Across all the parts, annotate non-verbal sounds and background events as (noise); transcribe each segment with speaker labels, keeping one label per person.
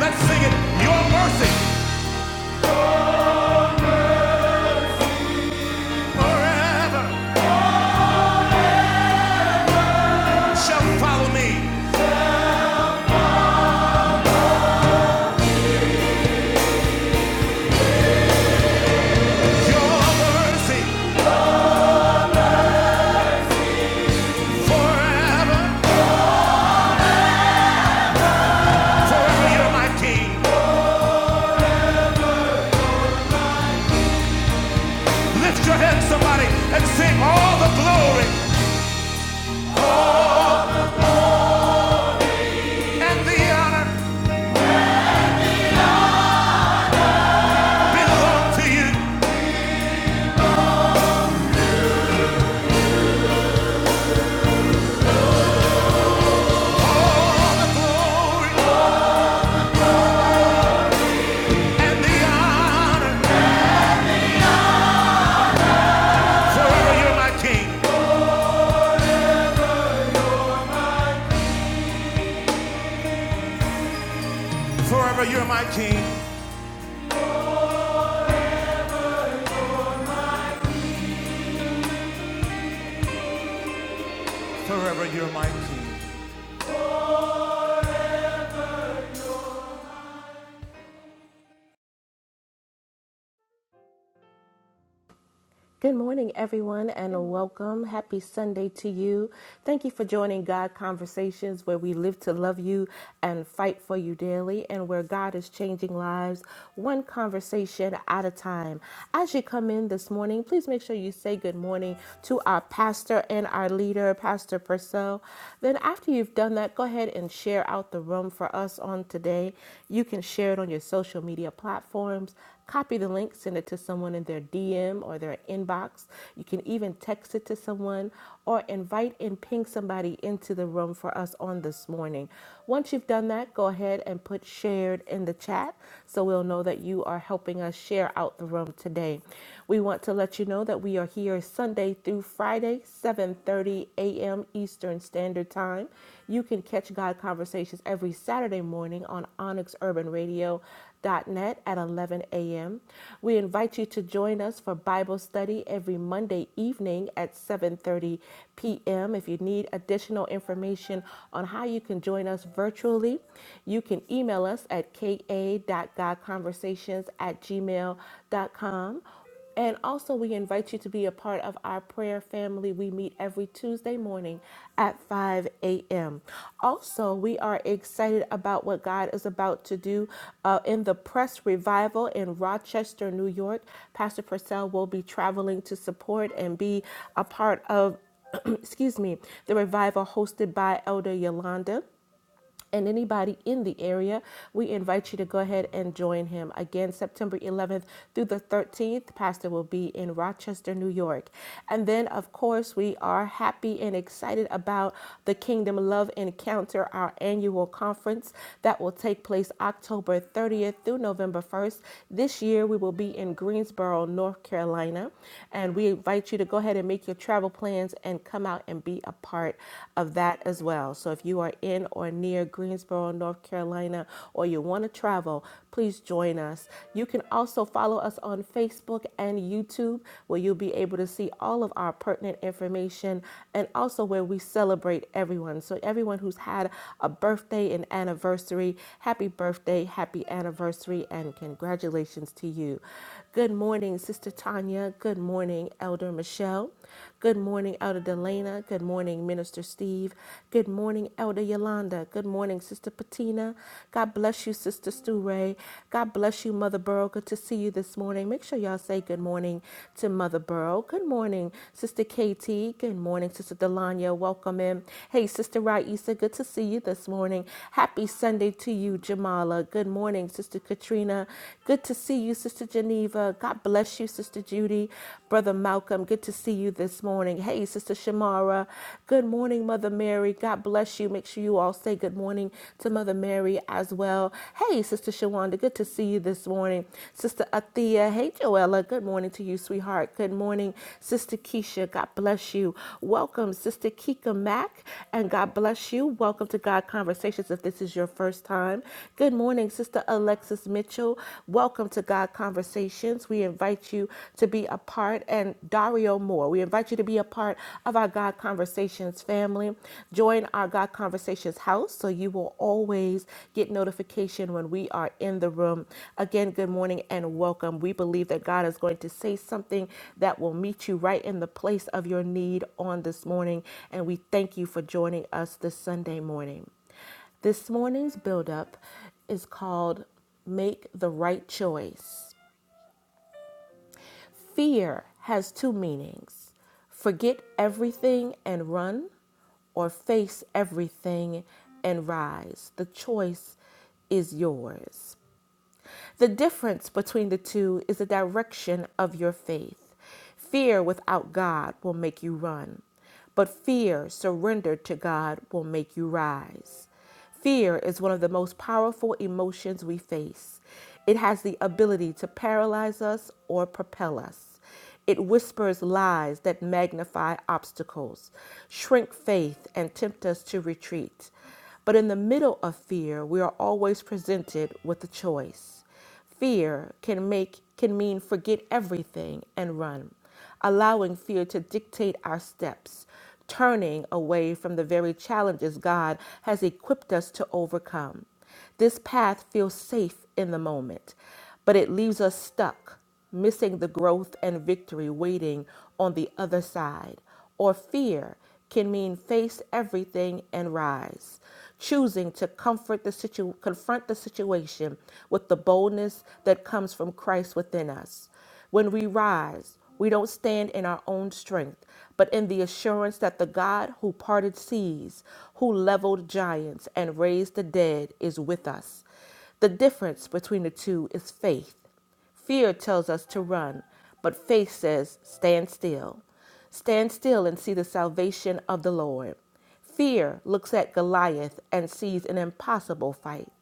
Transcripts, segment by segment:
Speaker 1: Let's sing it. Your mercy forever shall follow me. Your mercy forever. Forever you're my king. Lift your head, somebody, and sing all the glory and the honor belong to you. All the glory and the honor. Forever you're my king.
Speaker 2: Good morning, everyone, and welcome. Happy Sunday to you. Thank you for joining God Conversations, where we live to love you and fight for you daily, and where God is changing lives one conversation at a time. As you come in this morning, please make sure you say good morning to our pastor and our leader, Pastor Purcell. Then, after you've done that, go ahead and share out the room for us on today. You can share it on your social media platforms Copy the link, send it to someone in their DM or their inbox. You can even text it to someone or invite and ping somebody into the room for us on this morning. Once you've done that, go ahead and put shared in the chat so we'll know that you are helping us share out the room today. We want to let you know that we are here Sunday through Friday, 7:30 a.m. Eastern Standard Time. You can catch God Conversations every Saturday morning on Onyx Urban Radio net at 11 a.m. We invite you to join us for Bible study every Monday evening at 7:30 p.m. If you need additional information on how you can join us virtually, you can email us at ka.godconversations at gmail.com and also, we invite you to be a part of our prayer family. We meet every Tuesday morning at 5 a.m. Also, we are excited about what God is about to do uh, in the press revival in Rochester, New York. Pastor Purcell will be traveling to support and be a part of, (clears throat) excuse me, the revival hosted by Elder Yolanda and anybody in the area, we invite you to go ahead and join him. Again, September 11th through the 13th, Pastor will be in Rochester, New York. And then, of course, we are happy and excited about the Kingdom Love Encounter, our annual conference that will take place October 30th through November 1st. This year, we will be in Greensboro, North Carolina. And we invite you to go ahead and make your travel plans and come out and be a part of that as well as well. So if you are in or near Greensboro, North Carolina, or you want to travel, please join us. You can also follow us on Facebook and YouTube, where you'll be able to see all of our pertinent information and also where we celebrate everyone. So everyone who's had a birthday and anniversary, happy birthday, happy anniversary, and congratulations to you. Good morning, Sister Tanya. Good morning, Elder Michelle. Good morning, Elder Delana. Good morning, Minister Steve. Good morning, Elder Yolanda. Good morning, Sister Patina. God bless you, Sister Stu Ray. God bless you, Mother Burrow. Good to see you this morning. Make sure y'all say good morning to Mother Burrow. Good morning, Sister KT. Good morning, Sister Delanya. Welcome in. Hey, Sister Raisa. Good to see you this morning. Happy Sunday to you, Jamala. Good morning, Sister Katrina. Good to see you, Sister Geneva. God bless you, Sister Judy. Brother Malcolm, good to see you this morning. Hey, Sister Shamara, good morning, Mother Mary. God bless you. Make sure you all say good morning to Mother Mary as well. Hey, Sister Shawanda, good to see you this morning. Sister Athea, hey, Joella, good morning to you, sweetheart. Good morning, Sister Keisha. God bless you. Welcome, Sister Kika Mack, and God bless you. Welcome to God Conversations if this is your first time. Good morning, Sister Alexis Mitchell. Welcome to God Conversations. We invite invite you to be a part, and Dario Moore, we invite you to be a part of our God Conversations family. Join our God Conversations house so you will always get notification when we are in the room. Again, good morning and welcome. We believe that God is going to say something that will meet you right in the place of your need on this morning, and we thank you for joining us this Sunday morning. This morning's buildup is called Make the Right Choice. Fear has two meanings forget everything and run, or face everything and rise. The choice is yours. The difference between the two is the direction of your faith. Fear without God will make you run, but fear surrendered to God will make you rise. Fear is one of the most powerful emotions we face. It has the ability to paralyze us or propel us. It whispers lies that magnify obstacles, shrink faith, and tempt us to retreat. But in the middle of fear, we are always presented with a choice. Fear can make can mean forget everything and run, allowing fear to dictate our steps, turning away from the very challenges God has equipped us to overcome. This path feels safe in the moment, but it leaves us stuck missing the growth and victory waiting on the other side. Or fear can mean face everything and rise, choosing to comfort the situ- confront the situation with the boldness that comes from Christ within us. When we rise, we don't stand in our own strength, but in the assurance that the God who parted seas, who leveled giants and raised the dead is with us. The difference between the two is faith. Fear tells us to run, but faith says, Stand still. Stand still and see the salvation of the Lord. Fear looks at Goliath and sees an impossible fight,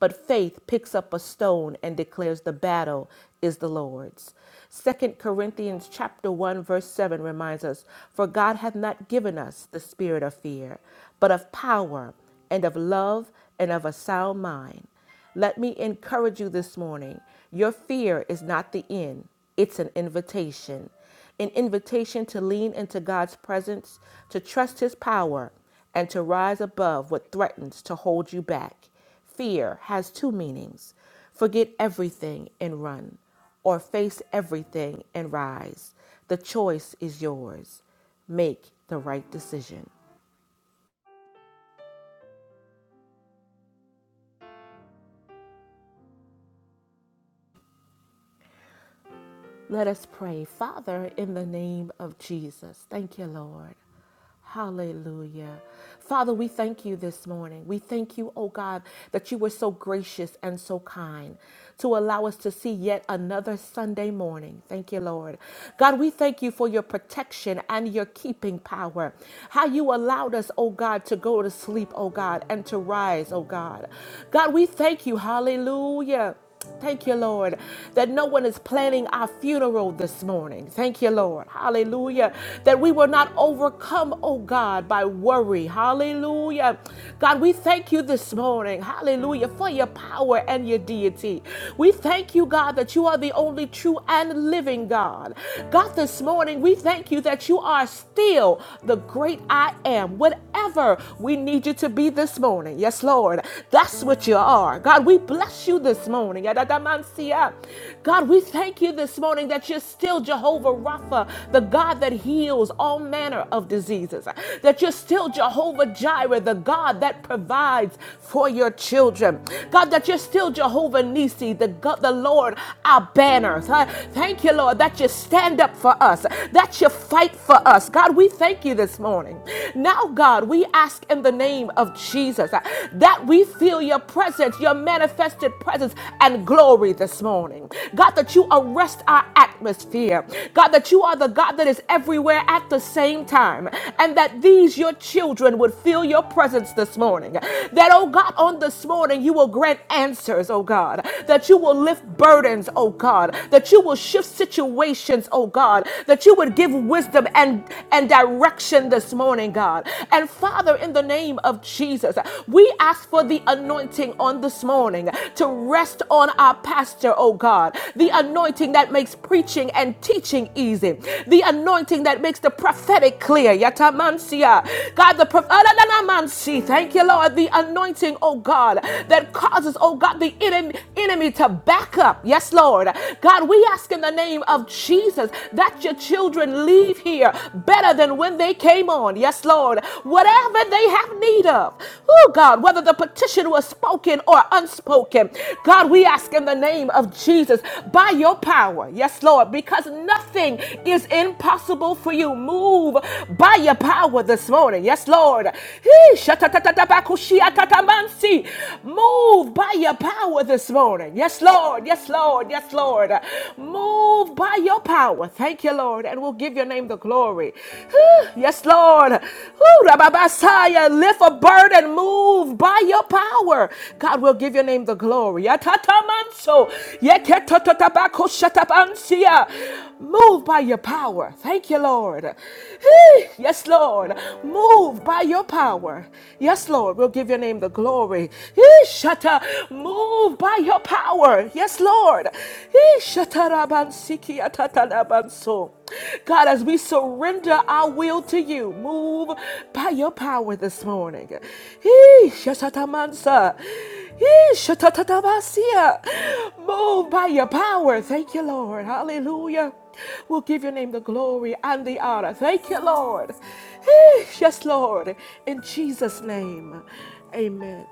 Speaker 2: but faith picks up a stone and declares the battle is the Lord's. Second Corinthians chapter 1 verse 7 reminds us, for God hath not given us the spirit of fear, but of power and of love and of a sound mind. Let me encourage you this morning. Your fear is not the end, it's an invitation. An invitation to lean into God's presence, to trust His power, and to rise above what threatens to hold you back. Fear has two meanings forget everything and run, or face everything and rise. The choice is yours. Make the right decision. Let us pray. Father, in the name of Jesus, thank you, Lord. Hallelujah. Father, we thank you this morning. We thank you, oh God, that you were so gracious and so kind to allow us to see yet another Sunday morning. Thank you, Lord. God, we thank you for your protection and your keeping power. How you allowed us, oh God, to go to sleep, oh God, and to rise, oh God. God, we thank you. Hallelujah Thank you, Lord, that no one is planning our funeral this morning. Thank you, Lord. Hallelujah. That we were not overcome, oh God, by worry. Hallelujah. God, we thank you this morning. Hallelujah. For your power and your deity. We thank you, God, that you are the only true and living God. God, this morning, we thank you that you are still the great I am, whatever we need you to be this morning. Yes, Lord. That's that's what you are. God, we bless you this morning. Yadadamansia. God, we thank you this morning that you're still Jehovah Rapha, the God that heals all manner of diseases, that you're still Jehovah Jireh, the God that provides for your children. God, that you're still Jehovah Nisi, the, God, the Lord, our banner. Th- Thank you, Lord, that you stand up for us, that you fight for us. God, we thank you this morning. Now, God, we ask in the in the name of Jesus uh, that we feel your presence, your manifested presence and glory this morning. God, that you arrest our atmosphere. God, that you are the God that is everywhere at the same time. And that these, your children, would feel your presence this morning. That, oh God, on this morning, you will grant answers, oh God. That you will lift burdens, oh God. That you will shift situations, oh God. That you would give wisdom and, and direction action this morning, God. And Father, in the name of Jesus, we ask for the anointing on this morning to rest on our pastor, oh God. The anointing that makes preaching and teaching easy. The anointing that makes the prophetic clear. Yatamansia. God, the prophetic. Thank you, Lord. The anointing, oh God, that causes, oh God, the enemy, enemy to back up. Yes, Lord. God, we ask in the name of Jesus that you your children leave here better than when they came on. Yes, Lord. Whatever they have need of, oh God, whether the petition was spoken or unspoken, God, we ask in the name of Jesus by your power. Yes, Lord, because nothing is impossible for you. Move by your power this morning. Yes, Lord. Hee, shatatatabakushiatatamansi. Move by your power this morning. Yes, Lord. Yes, Lord. Yes, Lord. Move by your power. Thank you, Lord. And we'll give your name the glory. Whew. yes, Lord. Whew, Rababasaya, Lift a burden. Move by your power. God we will give your name the glory. Yatatamanso. Yeketotatabakoshatabansia. Move by your power. Thank you, Lord. Hey. Yes, Lord. Move by your power. Yes, Lord. We'll give your name the glory. Hey. Shata. Move by your power. Yes, Lord. Eh, shatarabansiki atatalabanso. God, as we surrender our will to you, move by your power this morning. Eh, shatatamansa. Eh, shatatatabasia. Move by your power. Thank you, Lord. Hallelujah. We'll give your name the glory and the honor. Thank you, Lord. Eh, Yes, Lord. In Jesus' name, amen.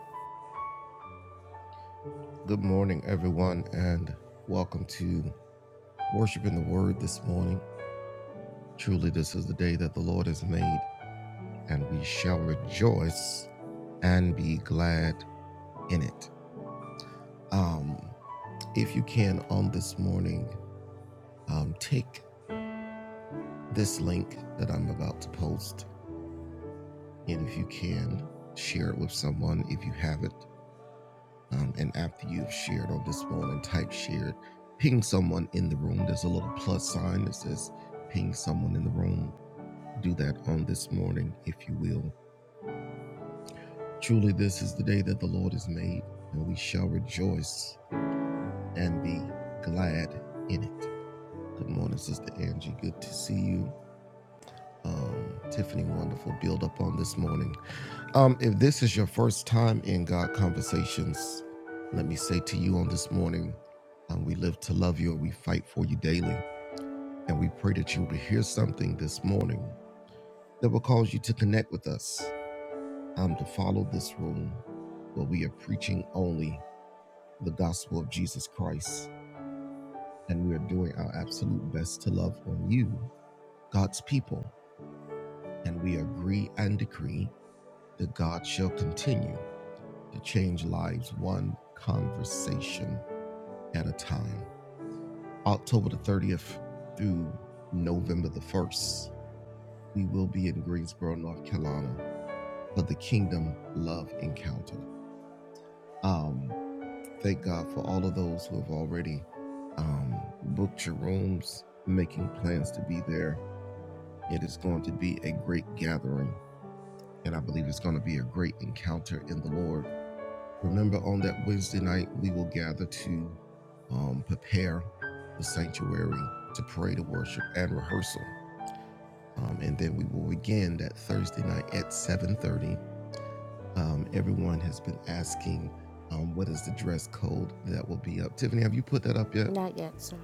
Speaker 2: Not yet, sir.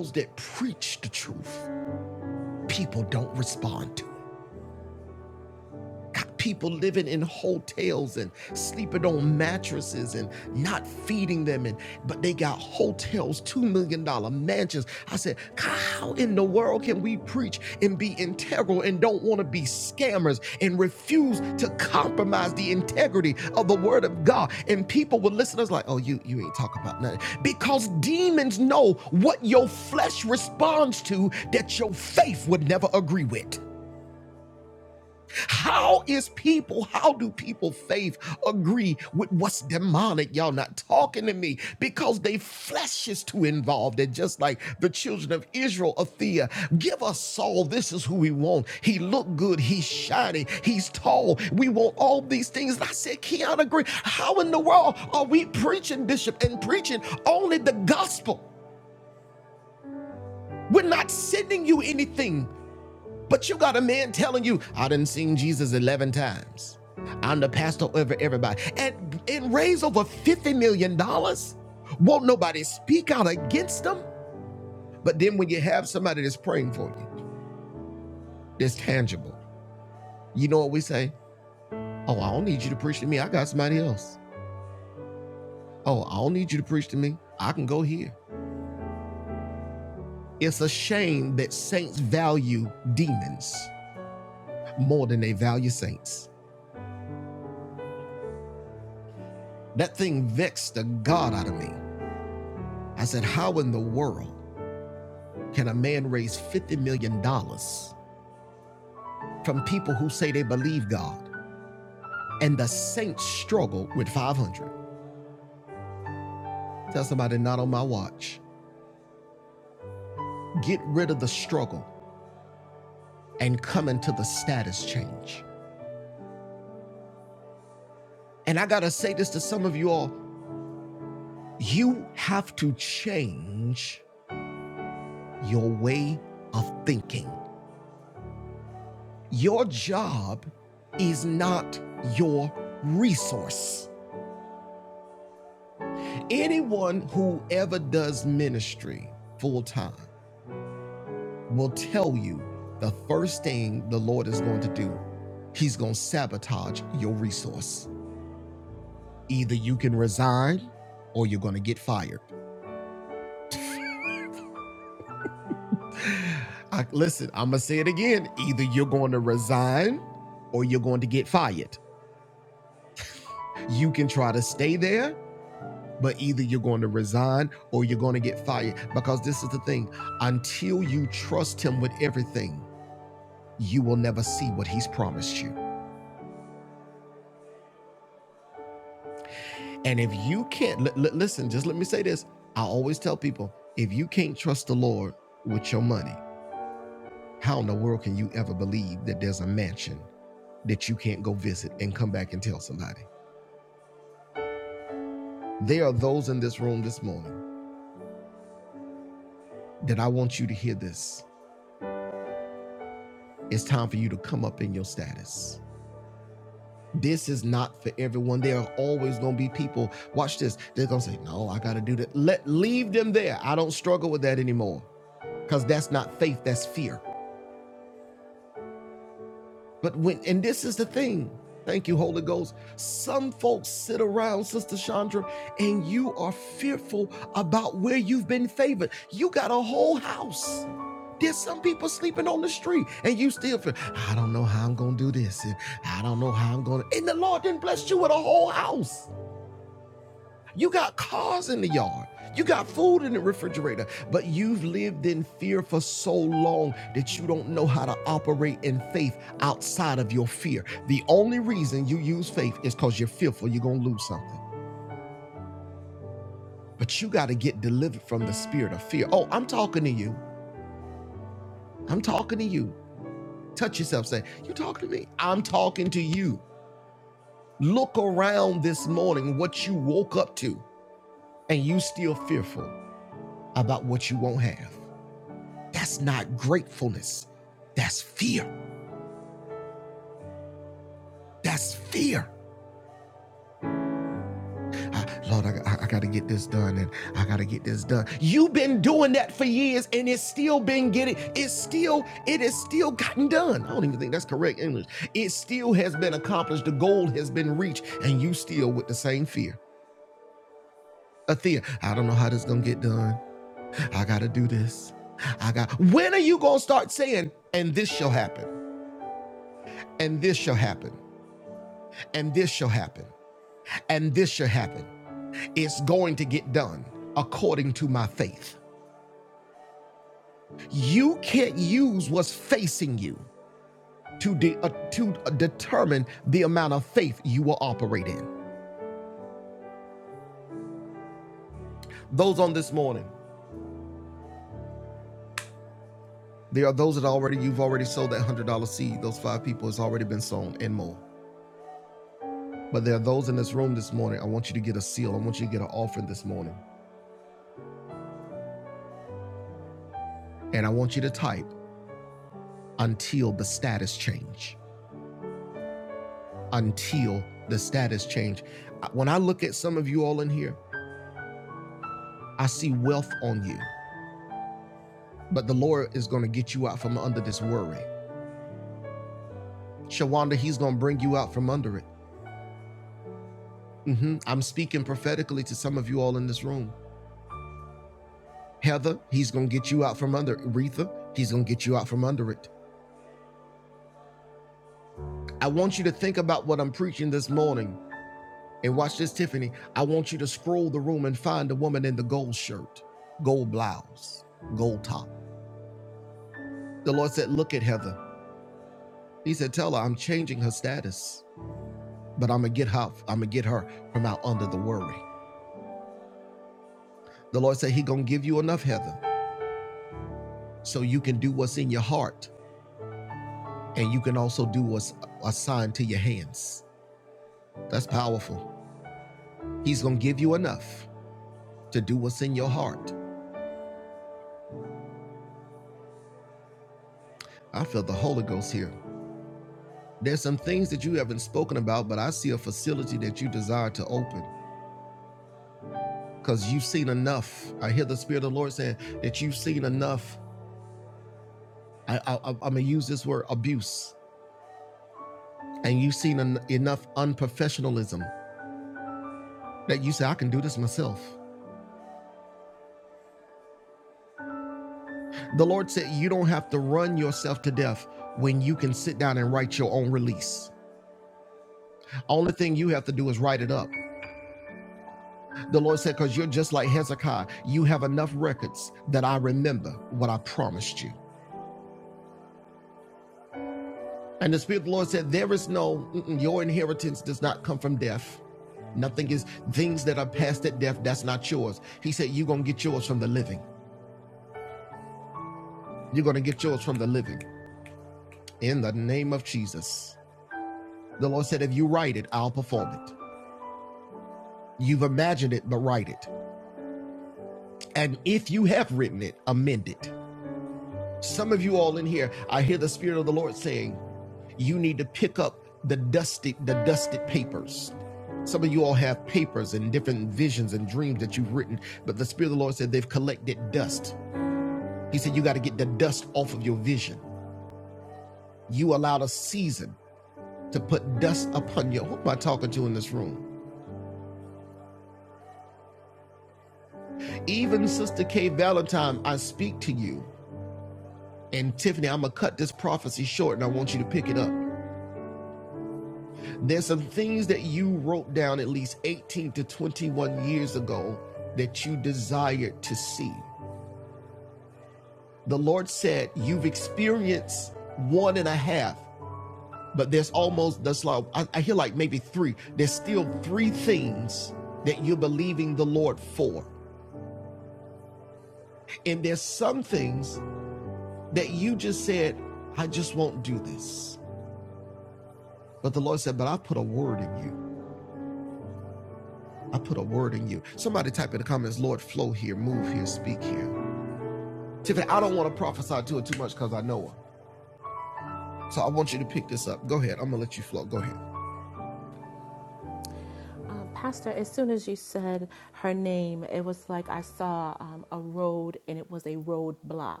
Speaker 2: Um, Pastor, as soon as you said her name, it was like I saw um, a road and it was a roadblock.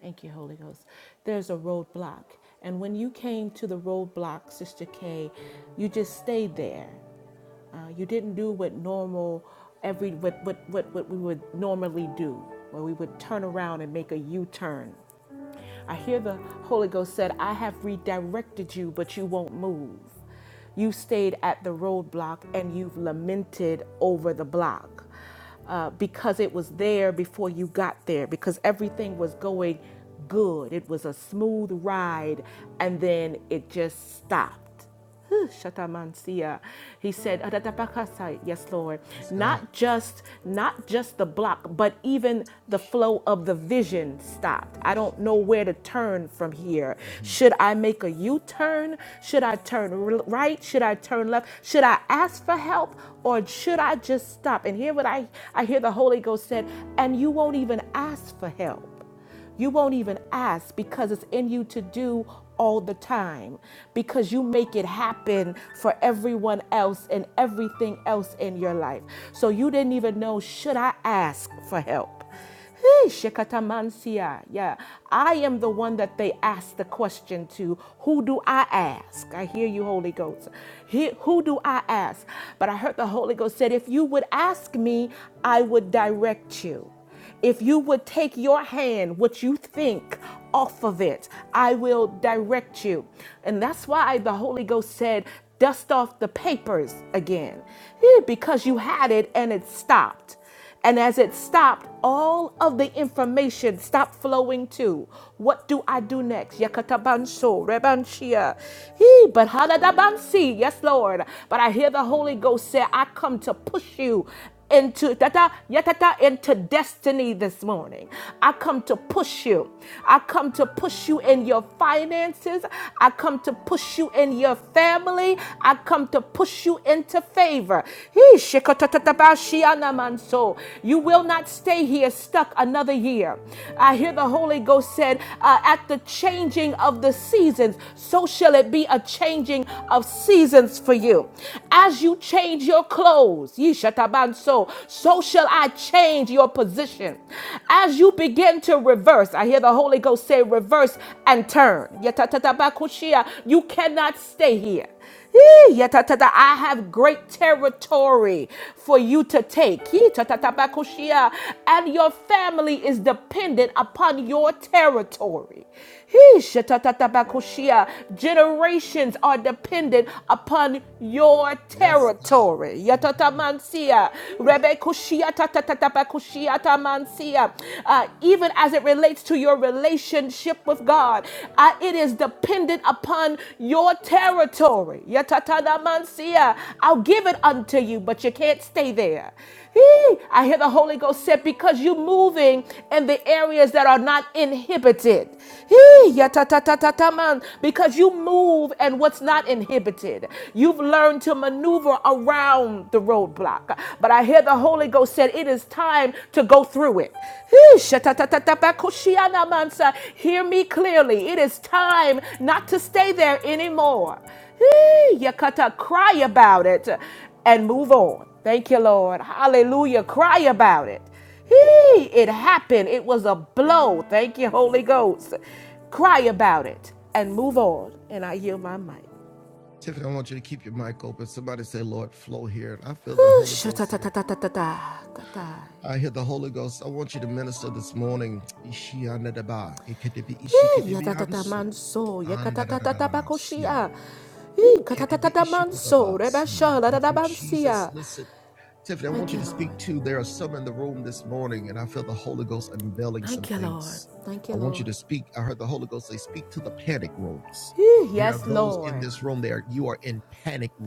Speaker 2: Thank you, Holy Ghost. There's a roadblock. And when you came to the roadblock, Sister K, you just stayed there. Uh, you didn't do what normal every what, what what what we would normally do, where we would turn around and make a U-turn. I hear the Holy Ghost said, I have redirected you, but you won't move. You stayed at the roadblock and you've lamented over the block uh, because it was there before you got there, because everything was going good. It was a smooth ride, and then it just stopped. Huh, Shatamansia. He said, "Adatapakasa," Yes, Lord. Not just, not just the block, but even the flow of the vision stopped. I don't know where to turn from here. Should I make a U-turn? Should I turn r- right? Should I turn left? Should I ask for help? Or should I just stop. And hear what I, I hear the Holy Ghost said, and you won't even ask for help. You won't even ask because it's in you to do all the time because you make it happen for everyone else and everything else in your life. So you didn't even know, should I ask for help? Hey, Shekatamansia. Yeah. I am the one that they asked the question to. Who do I ask? I hear you, Holy Ghost. He, who do I ask? But I heard the Holy Ghost said, if you would ask me, I would direct you. If you would take your hand, what you think, off of it, I will direct you. And that's why the Holy Ghost said, dust off the papers again, Eh, because you had it and it stopped. And as it stopped, all of the information stopped flowing too. What do I do next? Yakatabanso, rebanshia. He, but hadadabansi. Yes, Lord. But I hear the Holy Ghost say, I come to push you into tata yatata into destiny this morning. I come to push you. I come to push you in your finances. I come to push you in your family. I come to push you into favor. You will not stay here stuck another year. I hear the Holy Ghost said, uh, at the changing of the seasons, so shall it be a changing of seasons for you. As you change your clothes, so shall I change your position. As you begin to reverse, I hear the Holy Ghost say, reverse and turn. You cannot stay here. Yee, ya ta ta ta. I have great territory for you to take. Yee, ta ta ta ba And your family is dependent upon your territory. Yee, sha ta ta ta ba Generations are dependent upon your territory. Ya ta ta mansia. ta ta ta ta ba kushia ta mansia. Uh, Even as it relates to your relationship relationship with God. I- it is dependent upon your territory. Yatatadamansia. I'll give it unto you, but you can't stay there. Hee! I hear the Holy Ghost said, because you're moving in the areas that are not inhibited. Hee! Yatatatataman. Because you move and what's not inhibited. You've learned to maneuver around the roadblock. But I hear the the Holy Ghost said, It is time to go through it. (sighs) Hear me clearly. It is time not to stay there anymore. (sighs) You gotta cry about it and move on. Thank you, Lord. Hallelujah. Cry about it. Hey, it happened. It was a blow. Thank you, Holy Ghost. Cry about it and move on. And I yield my mic. Whew, shatatatatatatata. Yatatata manso, yakatatata bakoshia. Eh, Katatata manso, rebasha, ladadabansia. Thank you, Lord. Thank you, Lord. Thank you, Lord. Eh, Yes, Lord.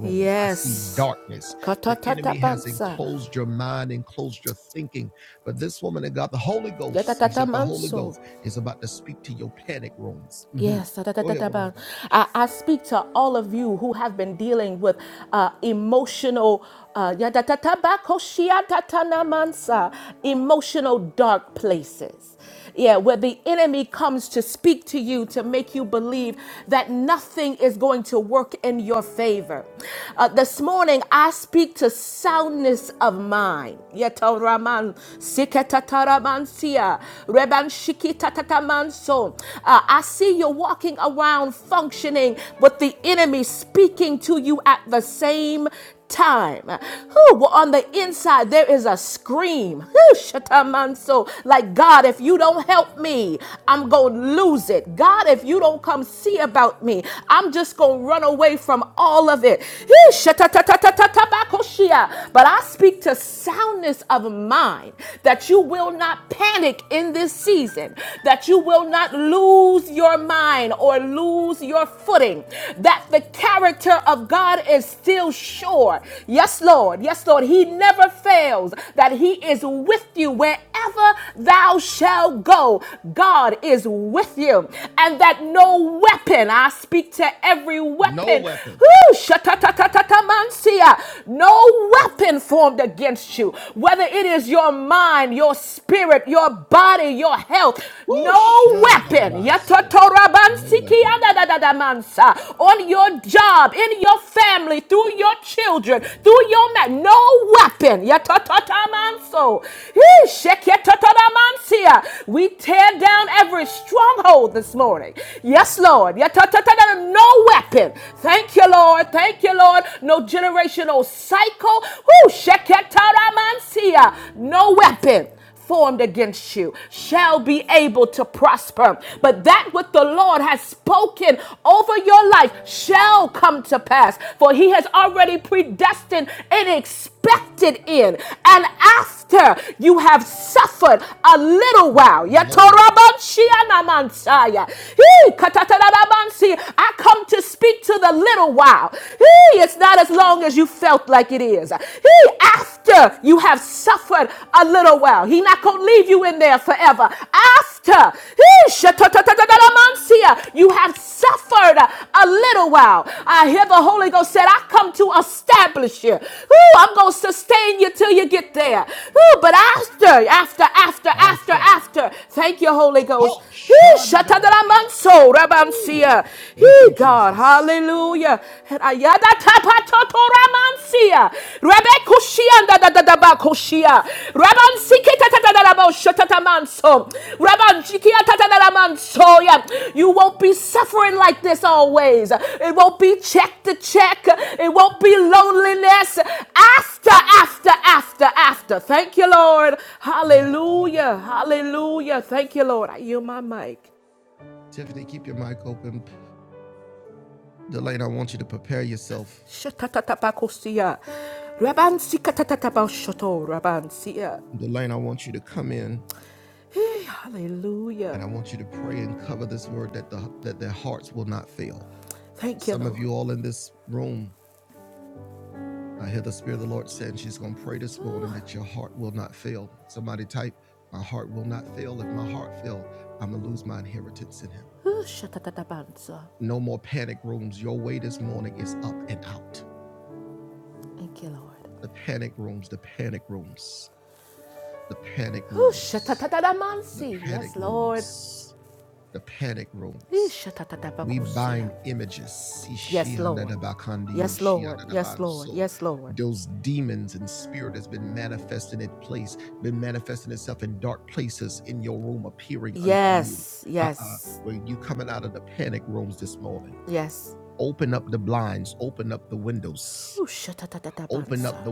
Speaker 2: Yes. Katatata pansa, yatatata manso. Yes, da, da, da, da, da, ba. I, I speak to all of you who have been dealing with uh, emotional, uh, ya, da, da, da, ba, ko, shia, da, da, na, man, sa, emotional dark places. Yeah, where the enemy comes to speak to you to make you believe that nothing is going to work in your favor. Uh, this morning, I speak to soundness of mind. Yeta, raman, siketa, ta, raman, sia, reban, shiki- Ikatatamanso. Uh, I see you walking around functioning, but the enemy speaking to you at the same time. Who well, on the inside there is a scream. Whew, shatamanso. Like God, if you don't help me, I'm gonna lose it. God, if you don't come see about me, I'm just gonna run away from all of it. Whew, shatatatatatatabakoshia. But I speak to soundness of mind that you will will not panic in this season, that you will not lose your mind or lose your footing, that the character of God is still sure. Yes, Lord. Yes, Lord. He never fails, that He is with you wherever thou shalt go. God is with you, and that no weapon, I speak to every weapon, whoo, shatatatatatamansia, no weapon formed against you about you, whether it is your mind, your spirit, your body, your health, no weapon on your job, in your family, through your children, through your man, no weapon we tear down every stronghold this morning. Yes, Lord. No weapon. Thank you, Lord. Thank you, Lord. No generational no cycle. Who sheketaramansia. No weapon formed against you shall be able to prosper. But that what the Lord has spoken over your life shall come to pass. For he has already predestined and expected expected in. And after you have suffered a little while, I come to speak to the little while. It's not as long as you felt like it is. After you have suffered a little while, He not going to leave you in there forever. After you have suffered a little while. I hear the Holy Ghost said, I come to establish you. Ooh, I'm going to sustain you till you get there. Ooh, but after, after, after, after, after. Thank you, Holy Ghost. Ooh, shatadaramanso, rabansia. Hey, God, hallelujah. And ayadatapato- Toramansia. Rebekushia Dabakoshia. Raban siketa tatarabo shatatamanso. Raban shikia tatataramansoya. You won't be suffering like this always. It won't be check to check. It won't be loneliness. After, after, after, after. Thank you, Lord. Hallelujah. Hallelujah. Thank you, Lord. I yield my mic. Shatatatabakosia. Raban sikatatatabashoto. Raban siya. Hey, hallelujah. Thank you, Lord. Ooh, shatatatabansa. Thank you, Lord. Ooh, shatatatamansi. Yes, Lord. Ooh, shatatatabakusia. Yes, Lord. Yes, Lord. Yes, Lord. Yes, Lord. Yes, yes, yes. Ooh, shatatatabansa.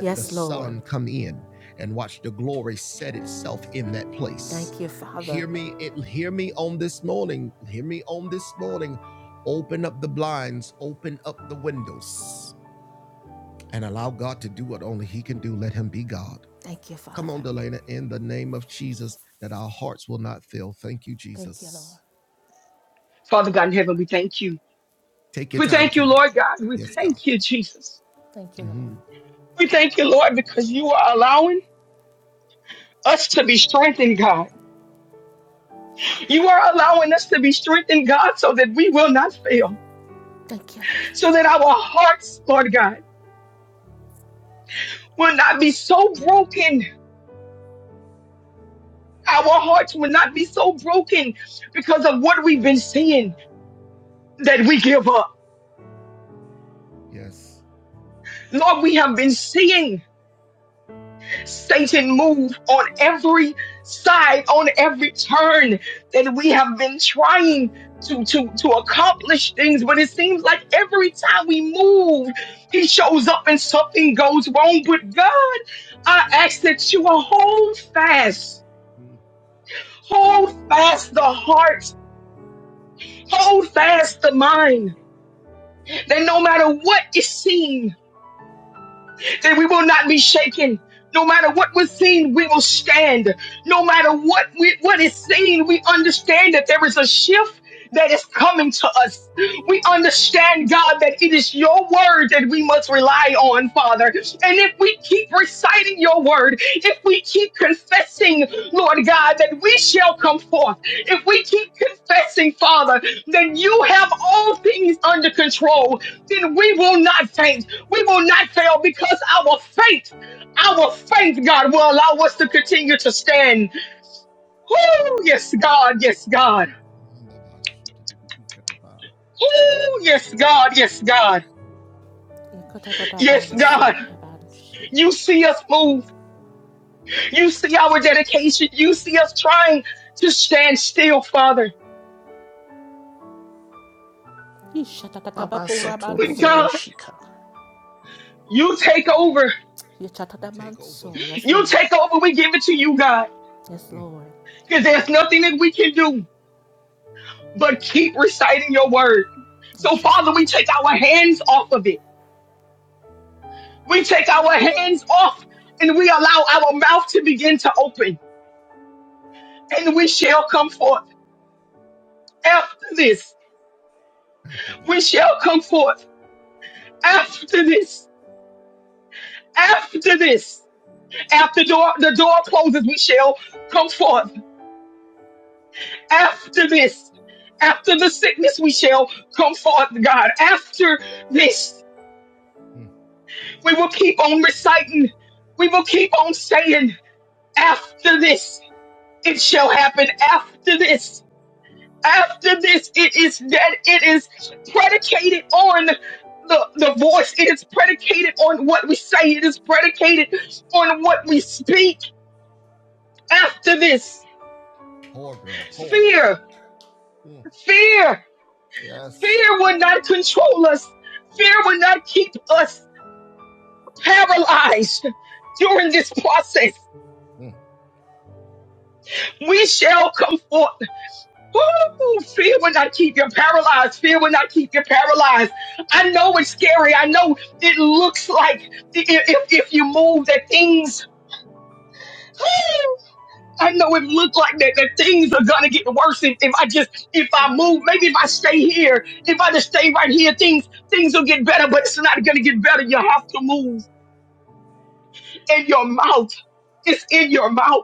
Speaker 2: Yes, Lord. Thank you, Father. Thank you, Father. Thank you, Lord.
Speaker 3: Father God in heaven, we thank you. We thank you, Lord God. We thank you, Jesus.
Speaker 2: Thank you, Lord.
Speaker 3: We thank you, Lord, because you are allowing us to be strengthened, God. You are allowing us to be strengthened, God, so that we will not fail,
Speaker 2: Thank you, Lord.
Speaker 3: so that our hearts, Lord God, will not be so broken. Our hearts will not be so broken because of what we've been seeing that we give up. Lord, we have been seeing Satan move on every side, on every turn that we have been trying to, to, to accomplish things. But it seems like every time we move, he shows up and something goes wrong. But God, I ask that you will hold fast, hold fast the heart, hold fast the mind, that no matter what is seen. that we will not be shaken. No matter what we're seeing, we will stand. No matter what we, what is seen, we understand that there is a shift that is coming to us. We understand, God, that it is your word that we must rely on, Father. And if we keep reciting your word, if we keep confessing, Lord God, that we shall come forth, if we keep confessing, Father, that you have all things under control, then we will not faint we will not fail because our faith, our faith, God, will allow us to continue to stand. Oh, yes, God, yes, God. Oh, yes, God, yes, God, yes, God.
Speaker 2: Yakatatabanso, babanshi.
Speaker 3: You see us move. You see our dedication. You see us trying to stand still, Father.
Speaker 4: Baba
Speaker 3: But
Speaker 2: Ishatatabakurabanso.
Speaker 3: God,
Speaker 4: Sotorobashika.
Speaker 3: you take over.
Speaker 2: Yachatatamanso. Yes,
Speaker 3: You
Speaker 2: Lord.
Speaker 3: take over. We give it to you, God,
Speaker 2: Yes, Lord.
Speaker 3: because there's nothing that we can do but keep reciting your word. So,
Speaker 2: Thank you,
Speaker 3: Father, we
Speaker 2: Father.
Speaker 3: take our hands off of it. We take our hands off and we allow our mouth to begin to open. And we shall come forth after this. We shall come forth after this. After this. After door, the door closes, we shall come forth. After this. After the sickness, we shall come forth, God. After this, we will keep on reciting. We will keep on saying, after this, it shall happen. After this, after this it is that it is predicated on the, the voice it is predicated on what we say it is predicated on what we speak after this fear fear fear will not control us fear will not keep us paralyzed during this process we shall come forth Woo! Fear will not keep you paralyzed. Fear will not keep you paralyzed. I know it's scary. I know it looks like i- i- if, if you move that things, Ooh, I know it looked like that, that things are going to get worse. If, if I just, if I move, maybe if I stay here, if I just stay right here, things, things will get better, but it's not going to get better. You have to move in your mouth. It's in your mouth.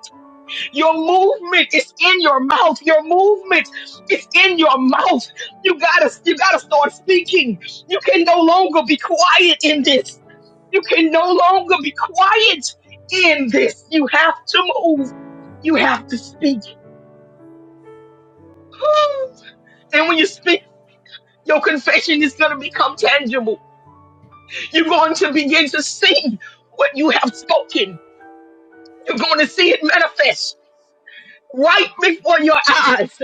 Speaker 3: Your movement is in your mouth. Your movement is in your mouth. You gotta, you gotta start speaking. You can no longer be quiet in this. You can no longer be quiet in this. You have to move. You have to speak. (sighs) And when you speak, your confession is going to become tangible. You're going to begin to see what you have spoken. You're going to see it manifest right before your eyes.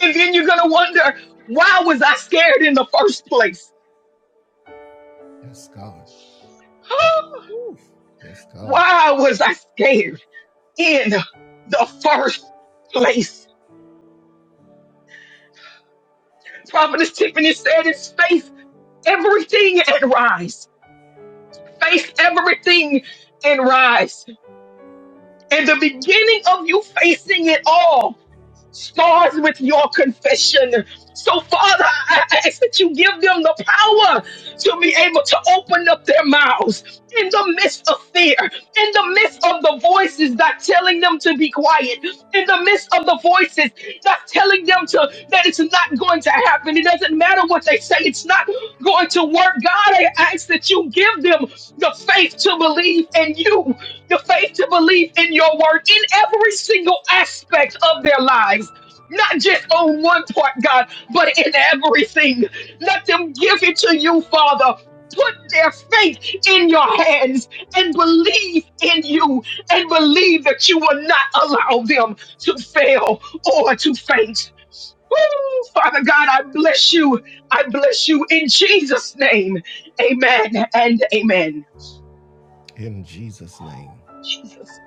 Speaker 3: And then you're going to wonder, why was I scared in the first place? (gasps) Why was I scared in the first place? Prophetess Tiffany said, it's faith, everything and rise. Face everything and rise. And the beginning of you facing it all starts with your confession. So, Father, I I ask that you give them the power to be able to open up their mouths in the midst of fear, in the midst of the voices that's telling them to be quiet, in the midst of the voices that's telling them to that it's not going to happen. It doesn't matter what they say, it's not going to work. God, I ask that you give them the faith to believe in you, the faith to believe in your word in every single aspect of their lives. Not just on one part, God, but in everything. Let them give it to you, Father. Put their faith in your hands and believe in you and believe that you will not allow them to fail or to faint. Woo! Father God, I bless you. I bless you in Jesus' name. Amen and amen. Jesus.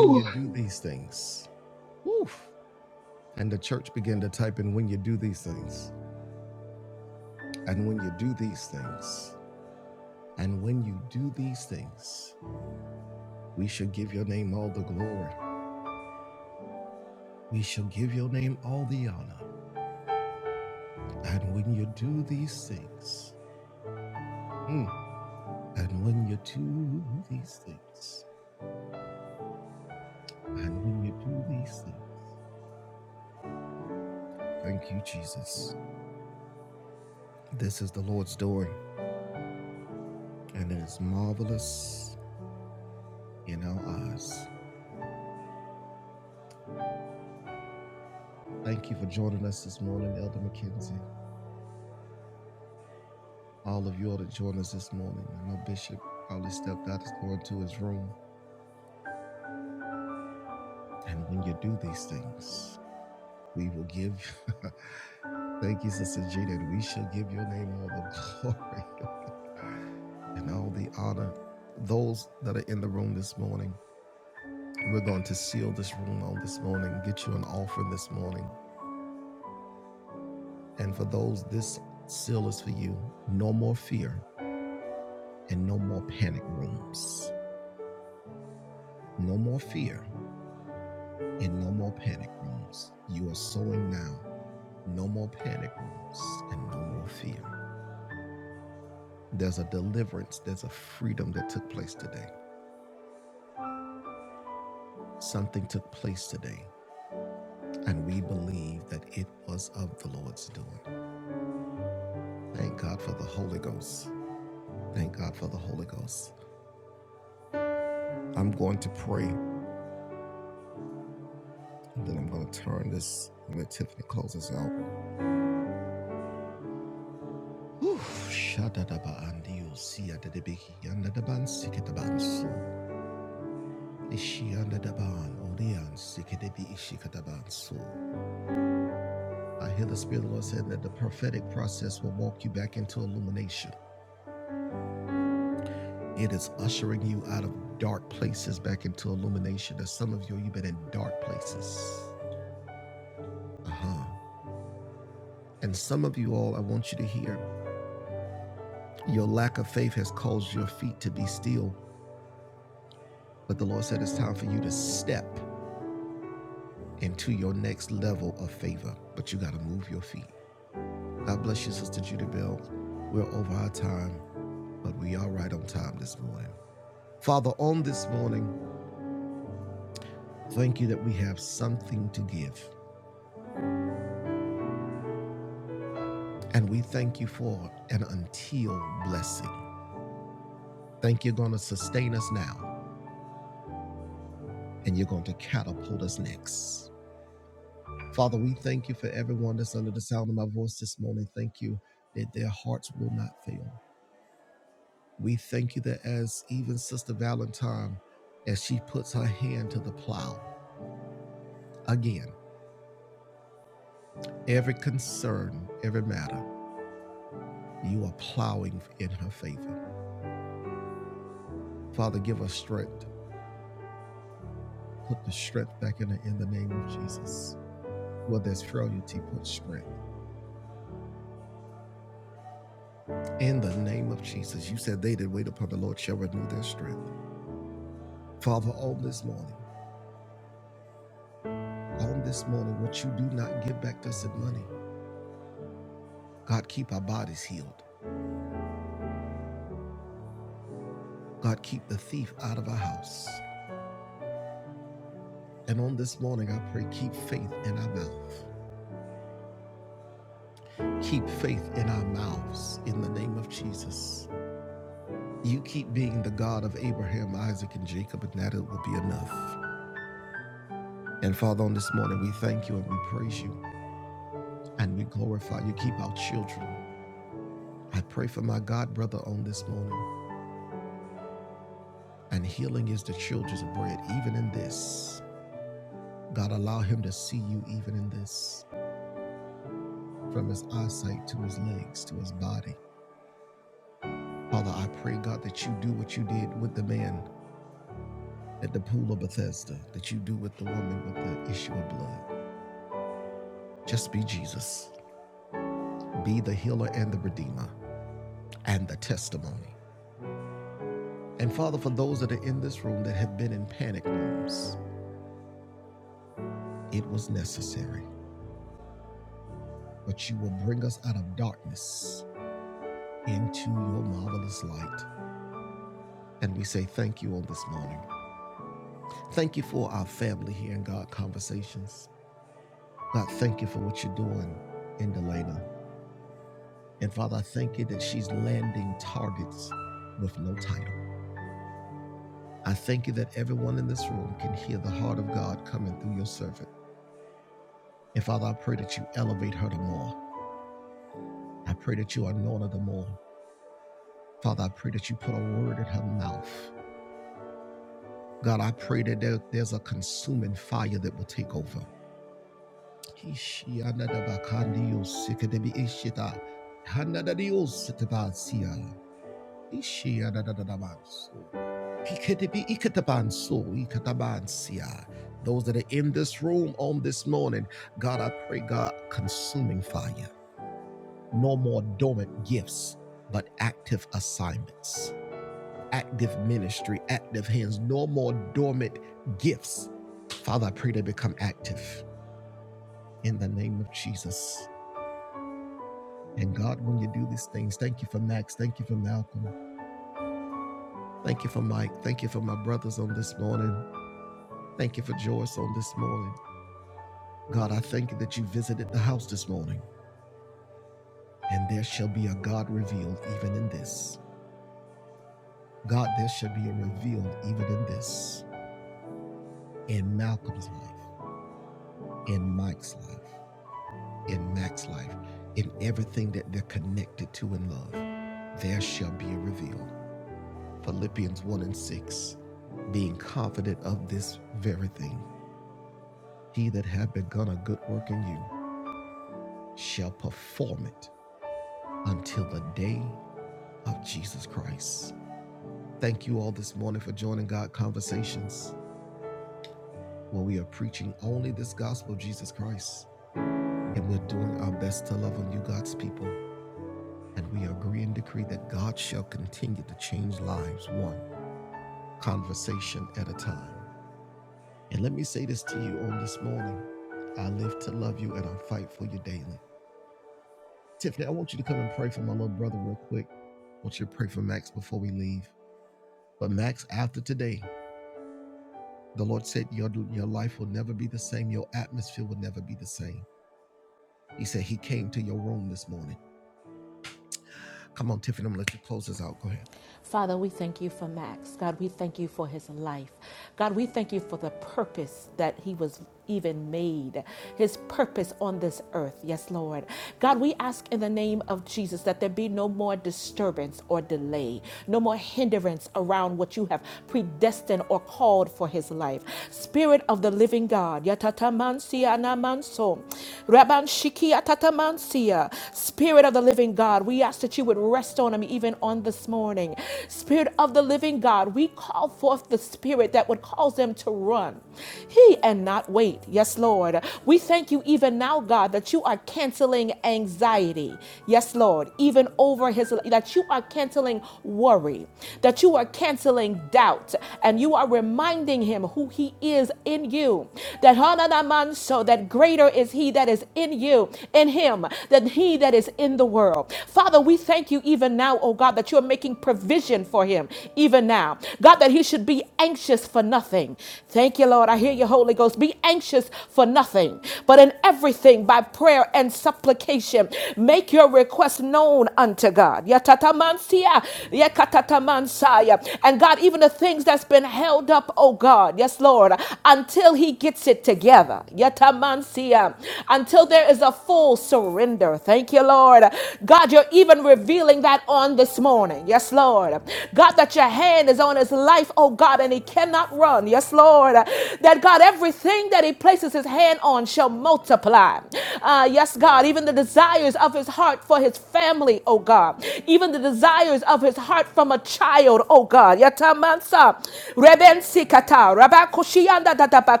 Speaker 2: Father, we thank you for Max. God, we thank you for his life. God, we thank you for the purpose that he was even made, his purpose on this earth. Yes, Lord. God, we ask in the name of Jesus that there be no more disturbance or delay, no more hindrance around what you have predestined or called for his life. Spirit of the living God, yatatamansia namanso, rabanshiki atatamansia. Spirit of the living God, we ask that that you would rest on him even on this morning. Spirit of the living God, we call forth the spirit that would cause them to run. He and not wait. Yes, Lord. We thank you even now, God, that you are canceling anxiety. Yes, Lord. Even over his that you are canceling worry, that you are canceling doubt, and you are reminding him who he is in you. That Hananaman, so that greater is he that is in you, in him than he that is in the world. Father, we thank you even now, oh God, that you're making provision for him even now. God, that he should be anxious for nothing. Thank you, Lord. I hear you, Holy Ghost. Be anxious for nothing, but in everything by prayer and supplication, make your request known unto God. Yatatamansia, yakatatamansaya. And God, even the things that's been held up, oh God, yes, Lord, until he gets it together. Yatamansia, hallelujah, until there is a full surrender. Thank you, Lord. God, you're even revealing that on this morning. Yes, Lord. God, that your hand is on his life, oh God, and he cannot run. Yes, Lord. That God, everything that he places his hand on shall multiply. Uh, yes, God, even the desires of his heart for his family, oh God, even the desires of his heart from a child, oh God. Yatamansa, Rebensikata, Rabakushianda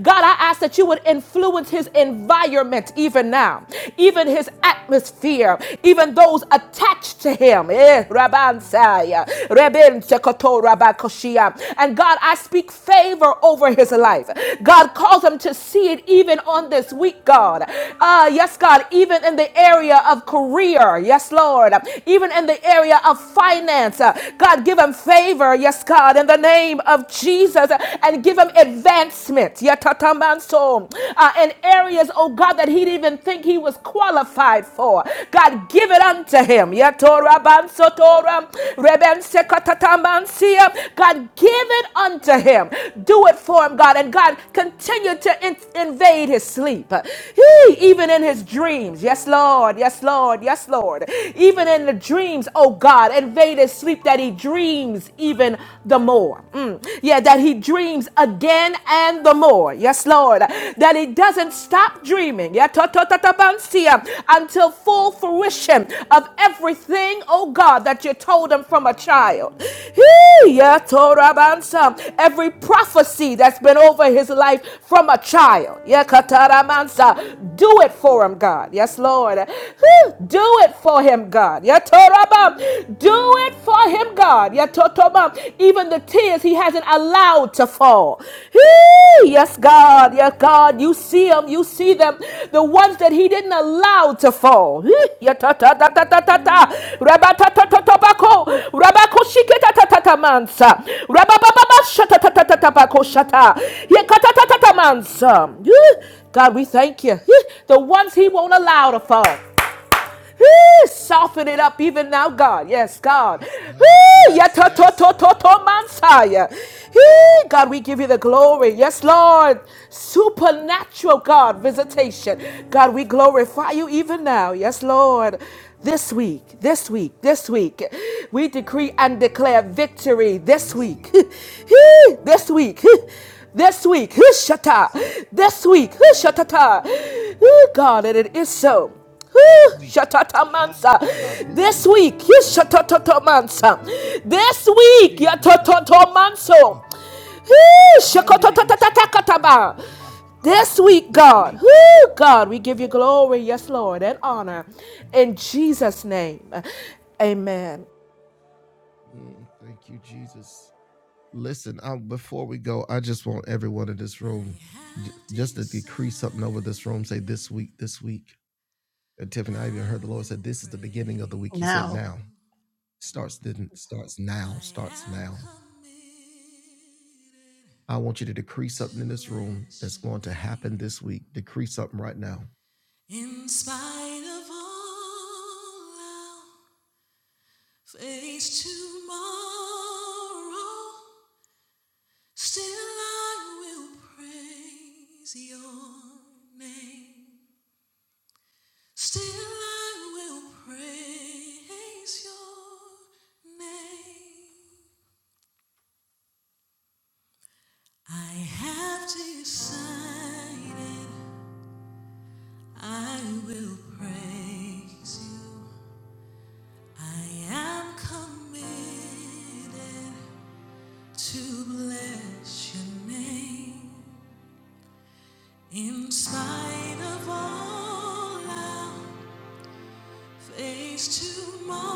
Speaker 2: God, I ask that you would influence his environment even now, even his atmosphere, even those attached to him. Eh, And God, I speak favor over his life. God, calls him to see it even on this week, God. Ah, yes, God, even in the area of career. Yes, Lord. Even in the area of finance. Uh, God, give him favor. Yes, God, in the name name of Jesus uh, and give him advancement. Yatatamanso. Uh, in areas, oh God, that he didn't even think he was qualified for. God, give it unto him. Yatorabansotora, rebensekatatamansia. God, give it unto him. Do it for him, God. And God, continue to in- invade his sleep. He, even in his dreams. Yes, Lord. Yes, Lord. Yes, Lord. Even in the dreams, oh God, invade his sleep that he dreams even the more. Mm. Yeah, that he dreams again and the more. Yes, Lord. That he doesn't stop dreaming. Yeah, ta- ta- ta- until full fruition of everything, oh God, that you told him from a child. yeah, Torah bansa. Every prophecy that's been over his life from a child. Yeah, kataramansa. Do it for him, God. Yes, Lord. Do it for him, God. Yeah. Do it for him, God. Yatotoba. Even the tears he hasn't allowed to fall. Yes, God. Yes, God. You see them. You see them. The ones that he didn't allow to fall. Hee! Yatatatatata. Rabatatatatapako. Rabakoshiketatatatamansa. Rababababashatatatatapako shata. Yekatatatatamansa. Hee! God, we thank you. The ones he won't allow to fall. Whoo, soften it up even now, God. Yes, God. Whoo, yata to to to to mansaya. Whoo, God, we give you the glory. Yes, Lord. Supernatural God visitation. God, we glorify you even now. Yes, Lord. This week, this week, this week, we decree and declare victory this week. (laughs) this week. (laughs) This week, (laughs) Whoo, shata. This week, (laughs) Whoo, shatata. Whoo, God, and it is so. Whew, Shatatamansa. This week, you shatatotomansa. This week, yatototomanso. Whew, shakotototototokotaba. This week, God, whew, God, we give you glory, yes, Lord, and honor in Jesus' name. Amen.
Speaker 4: Now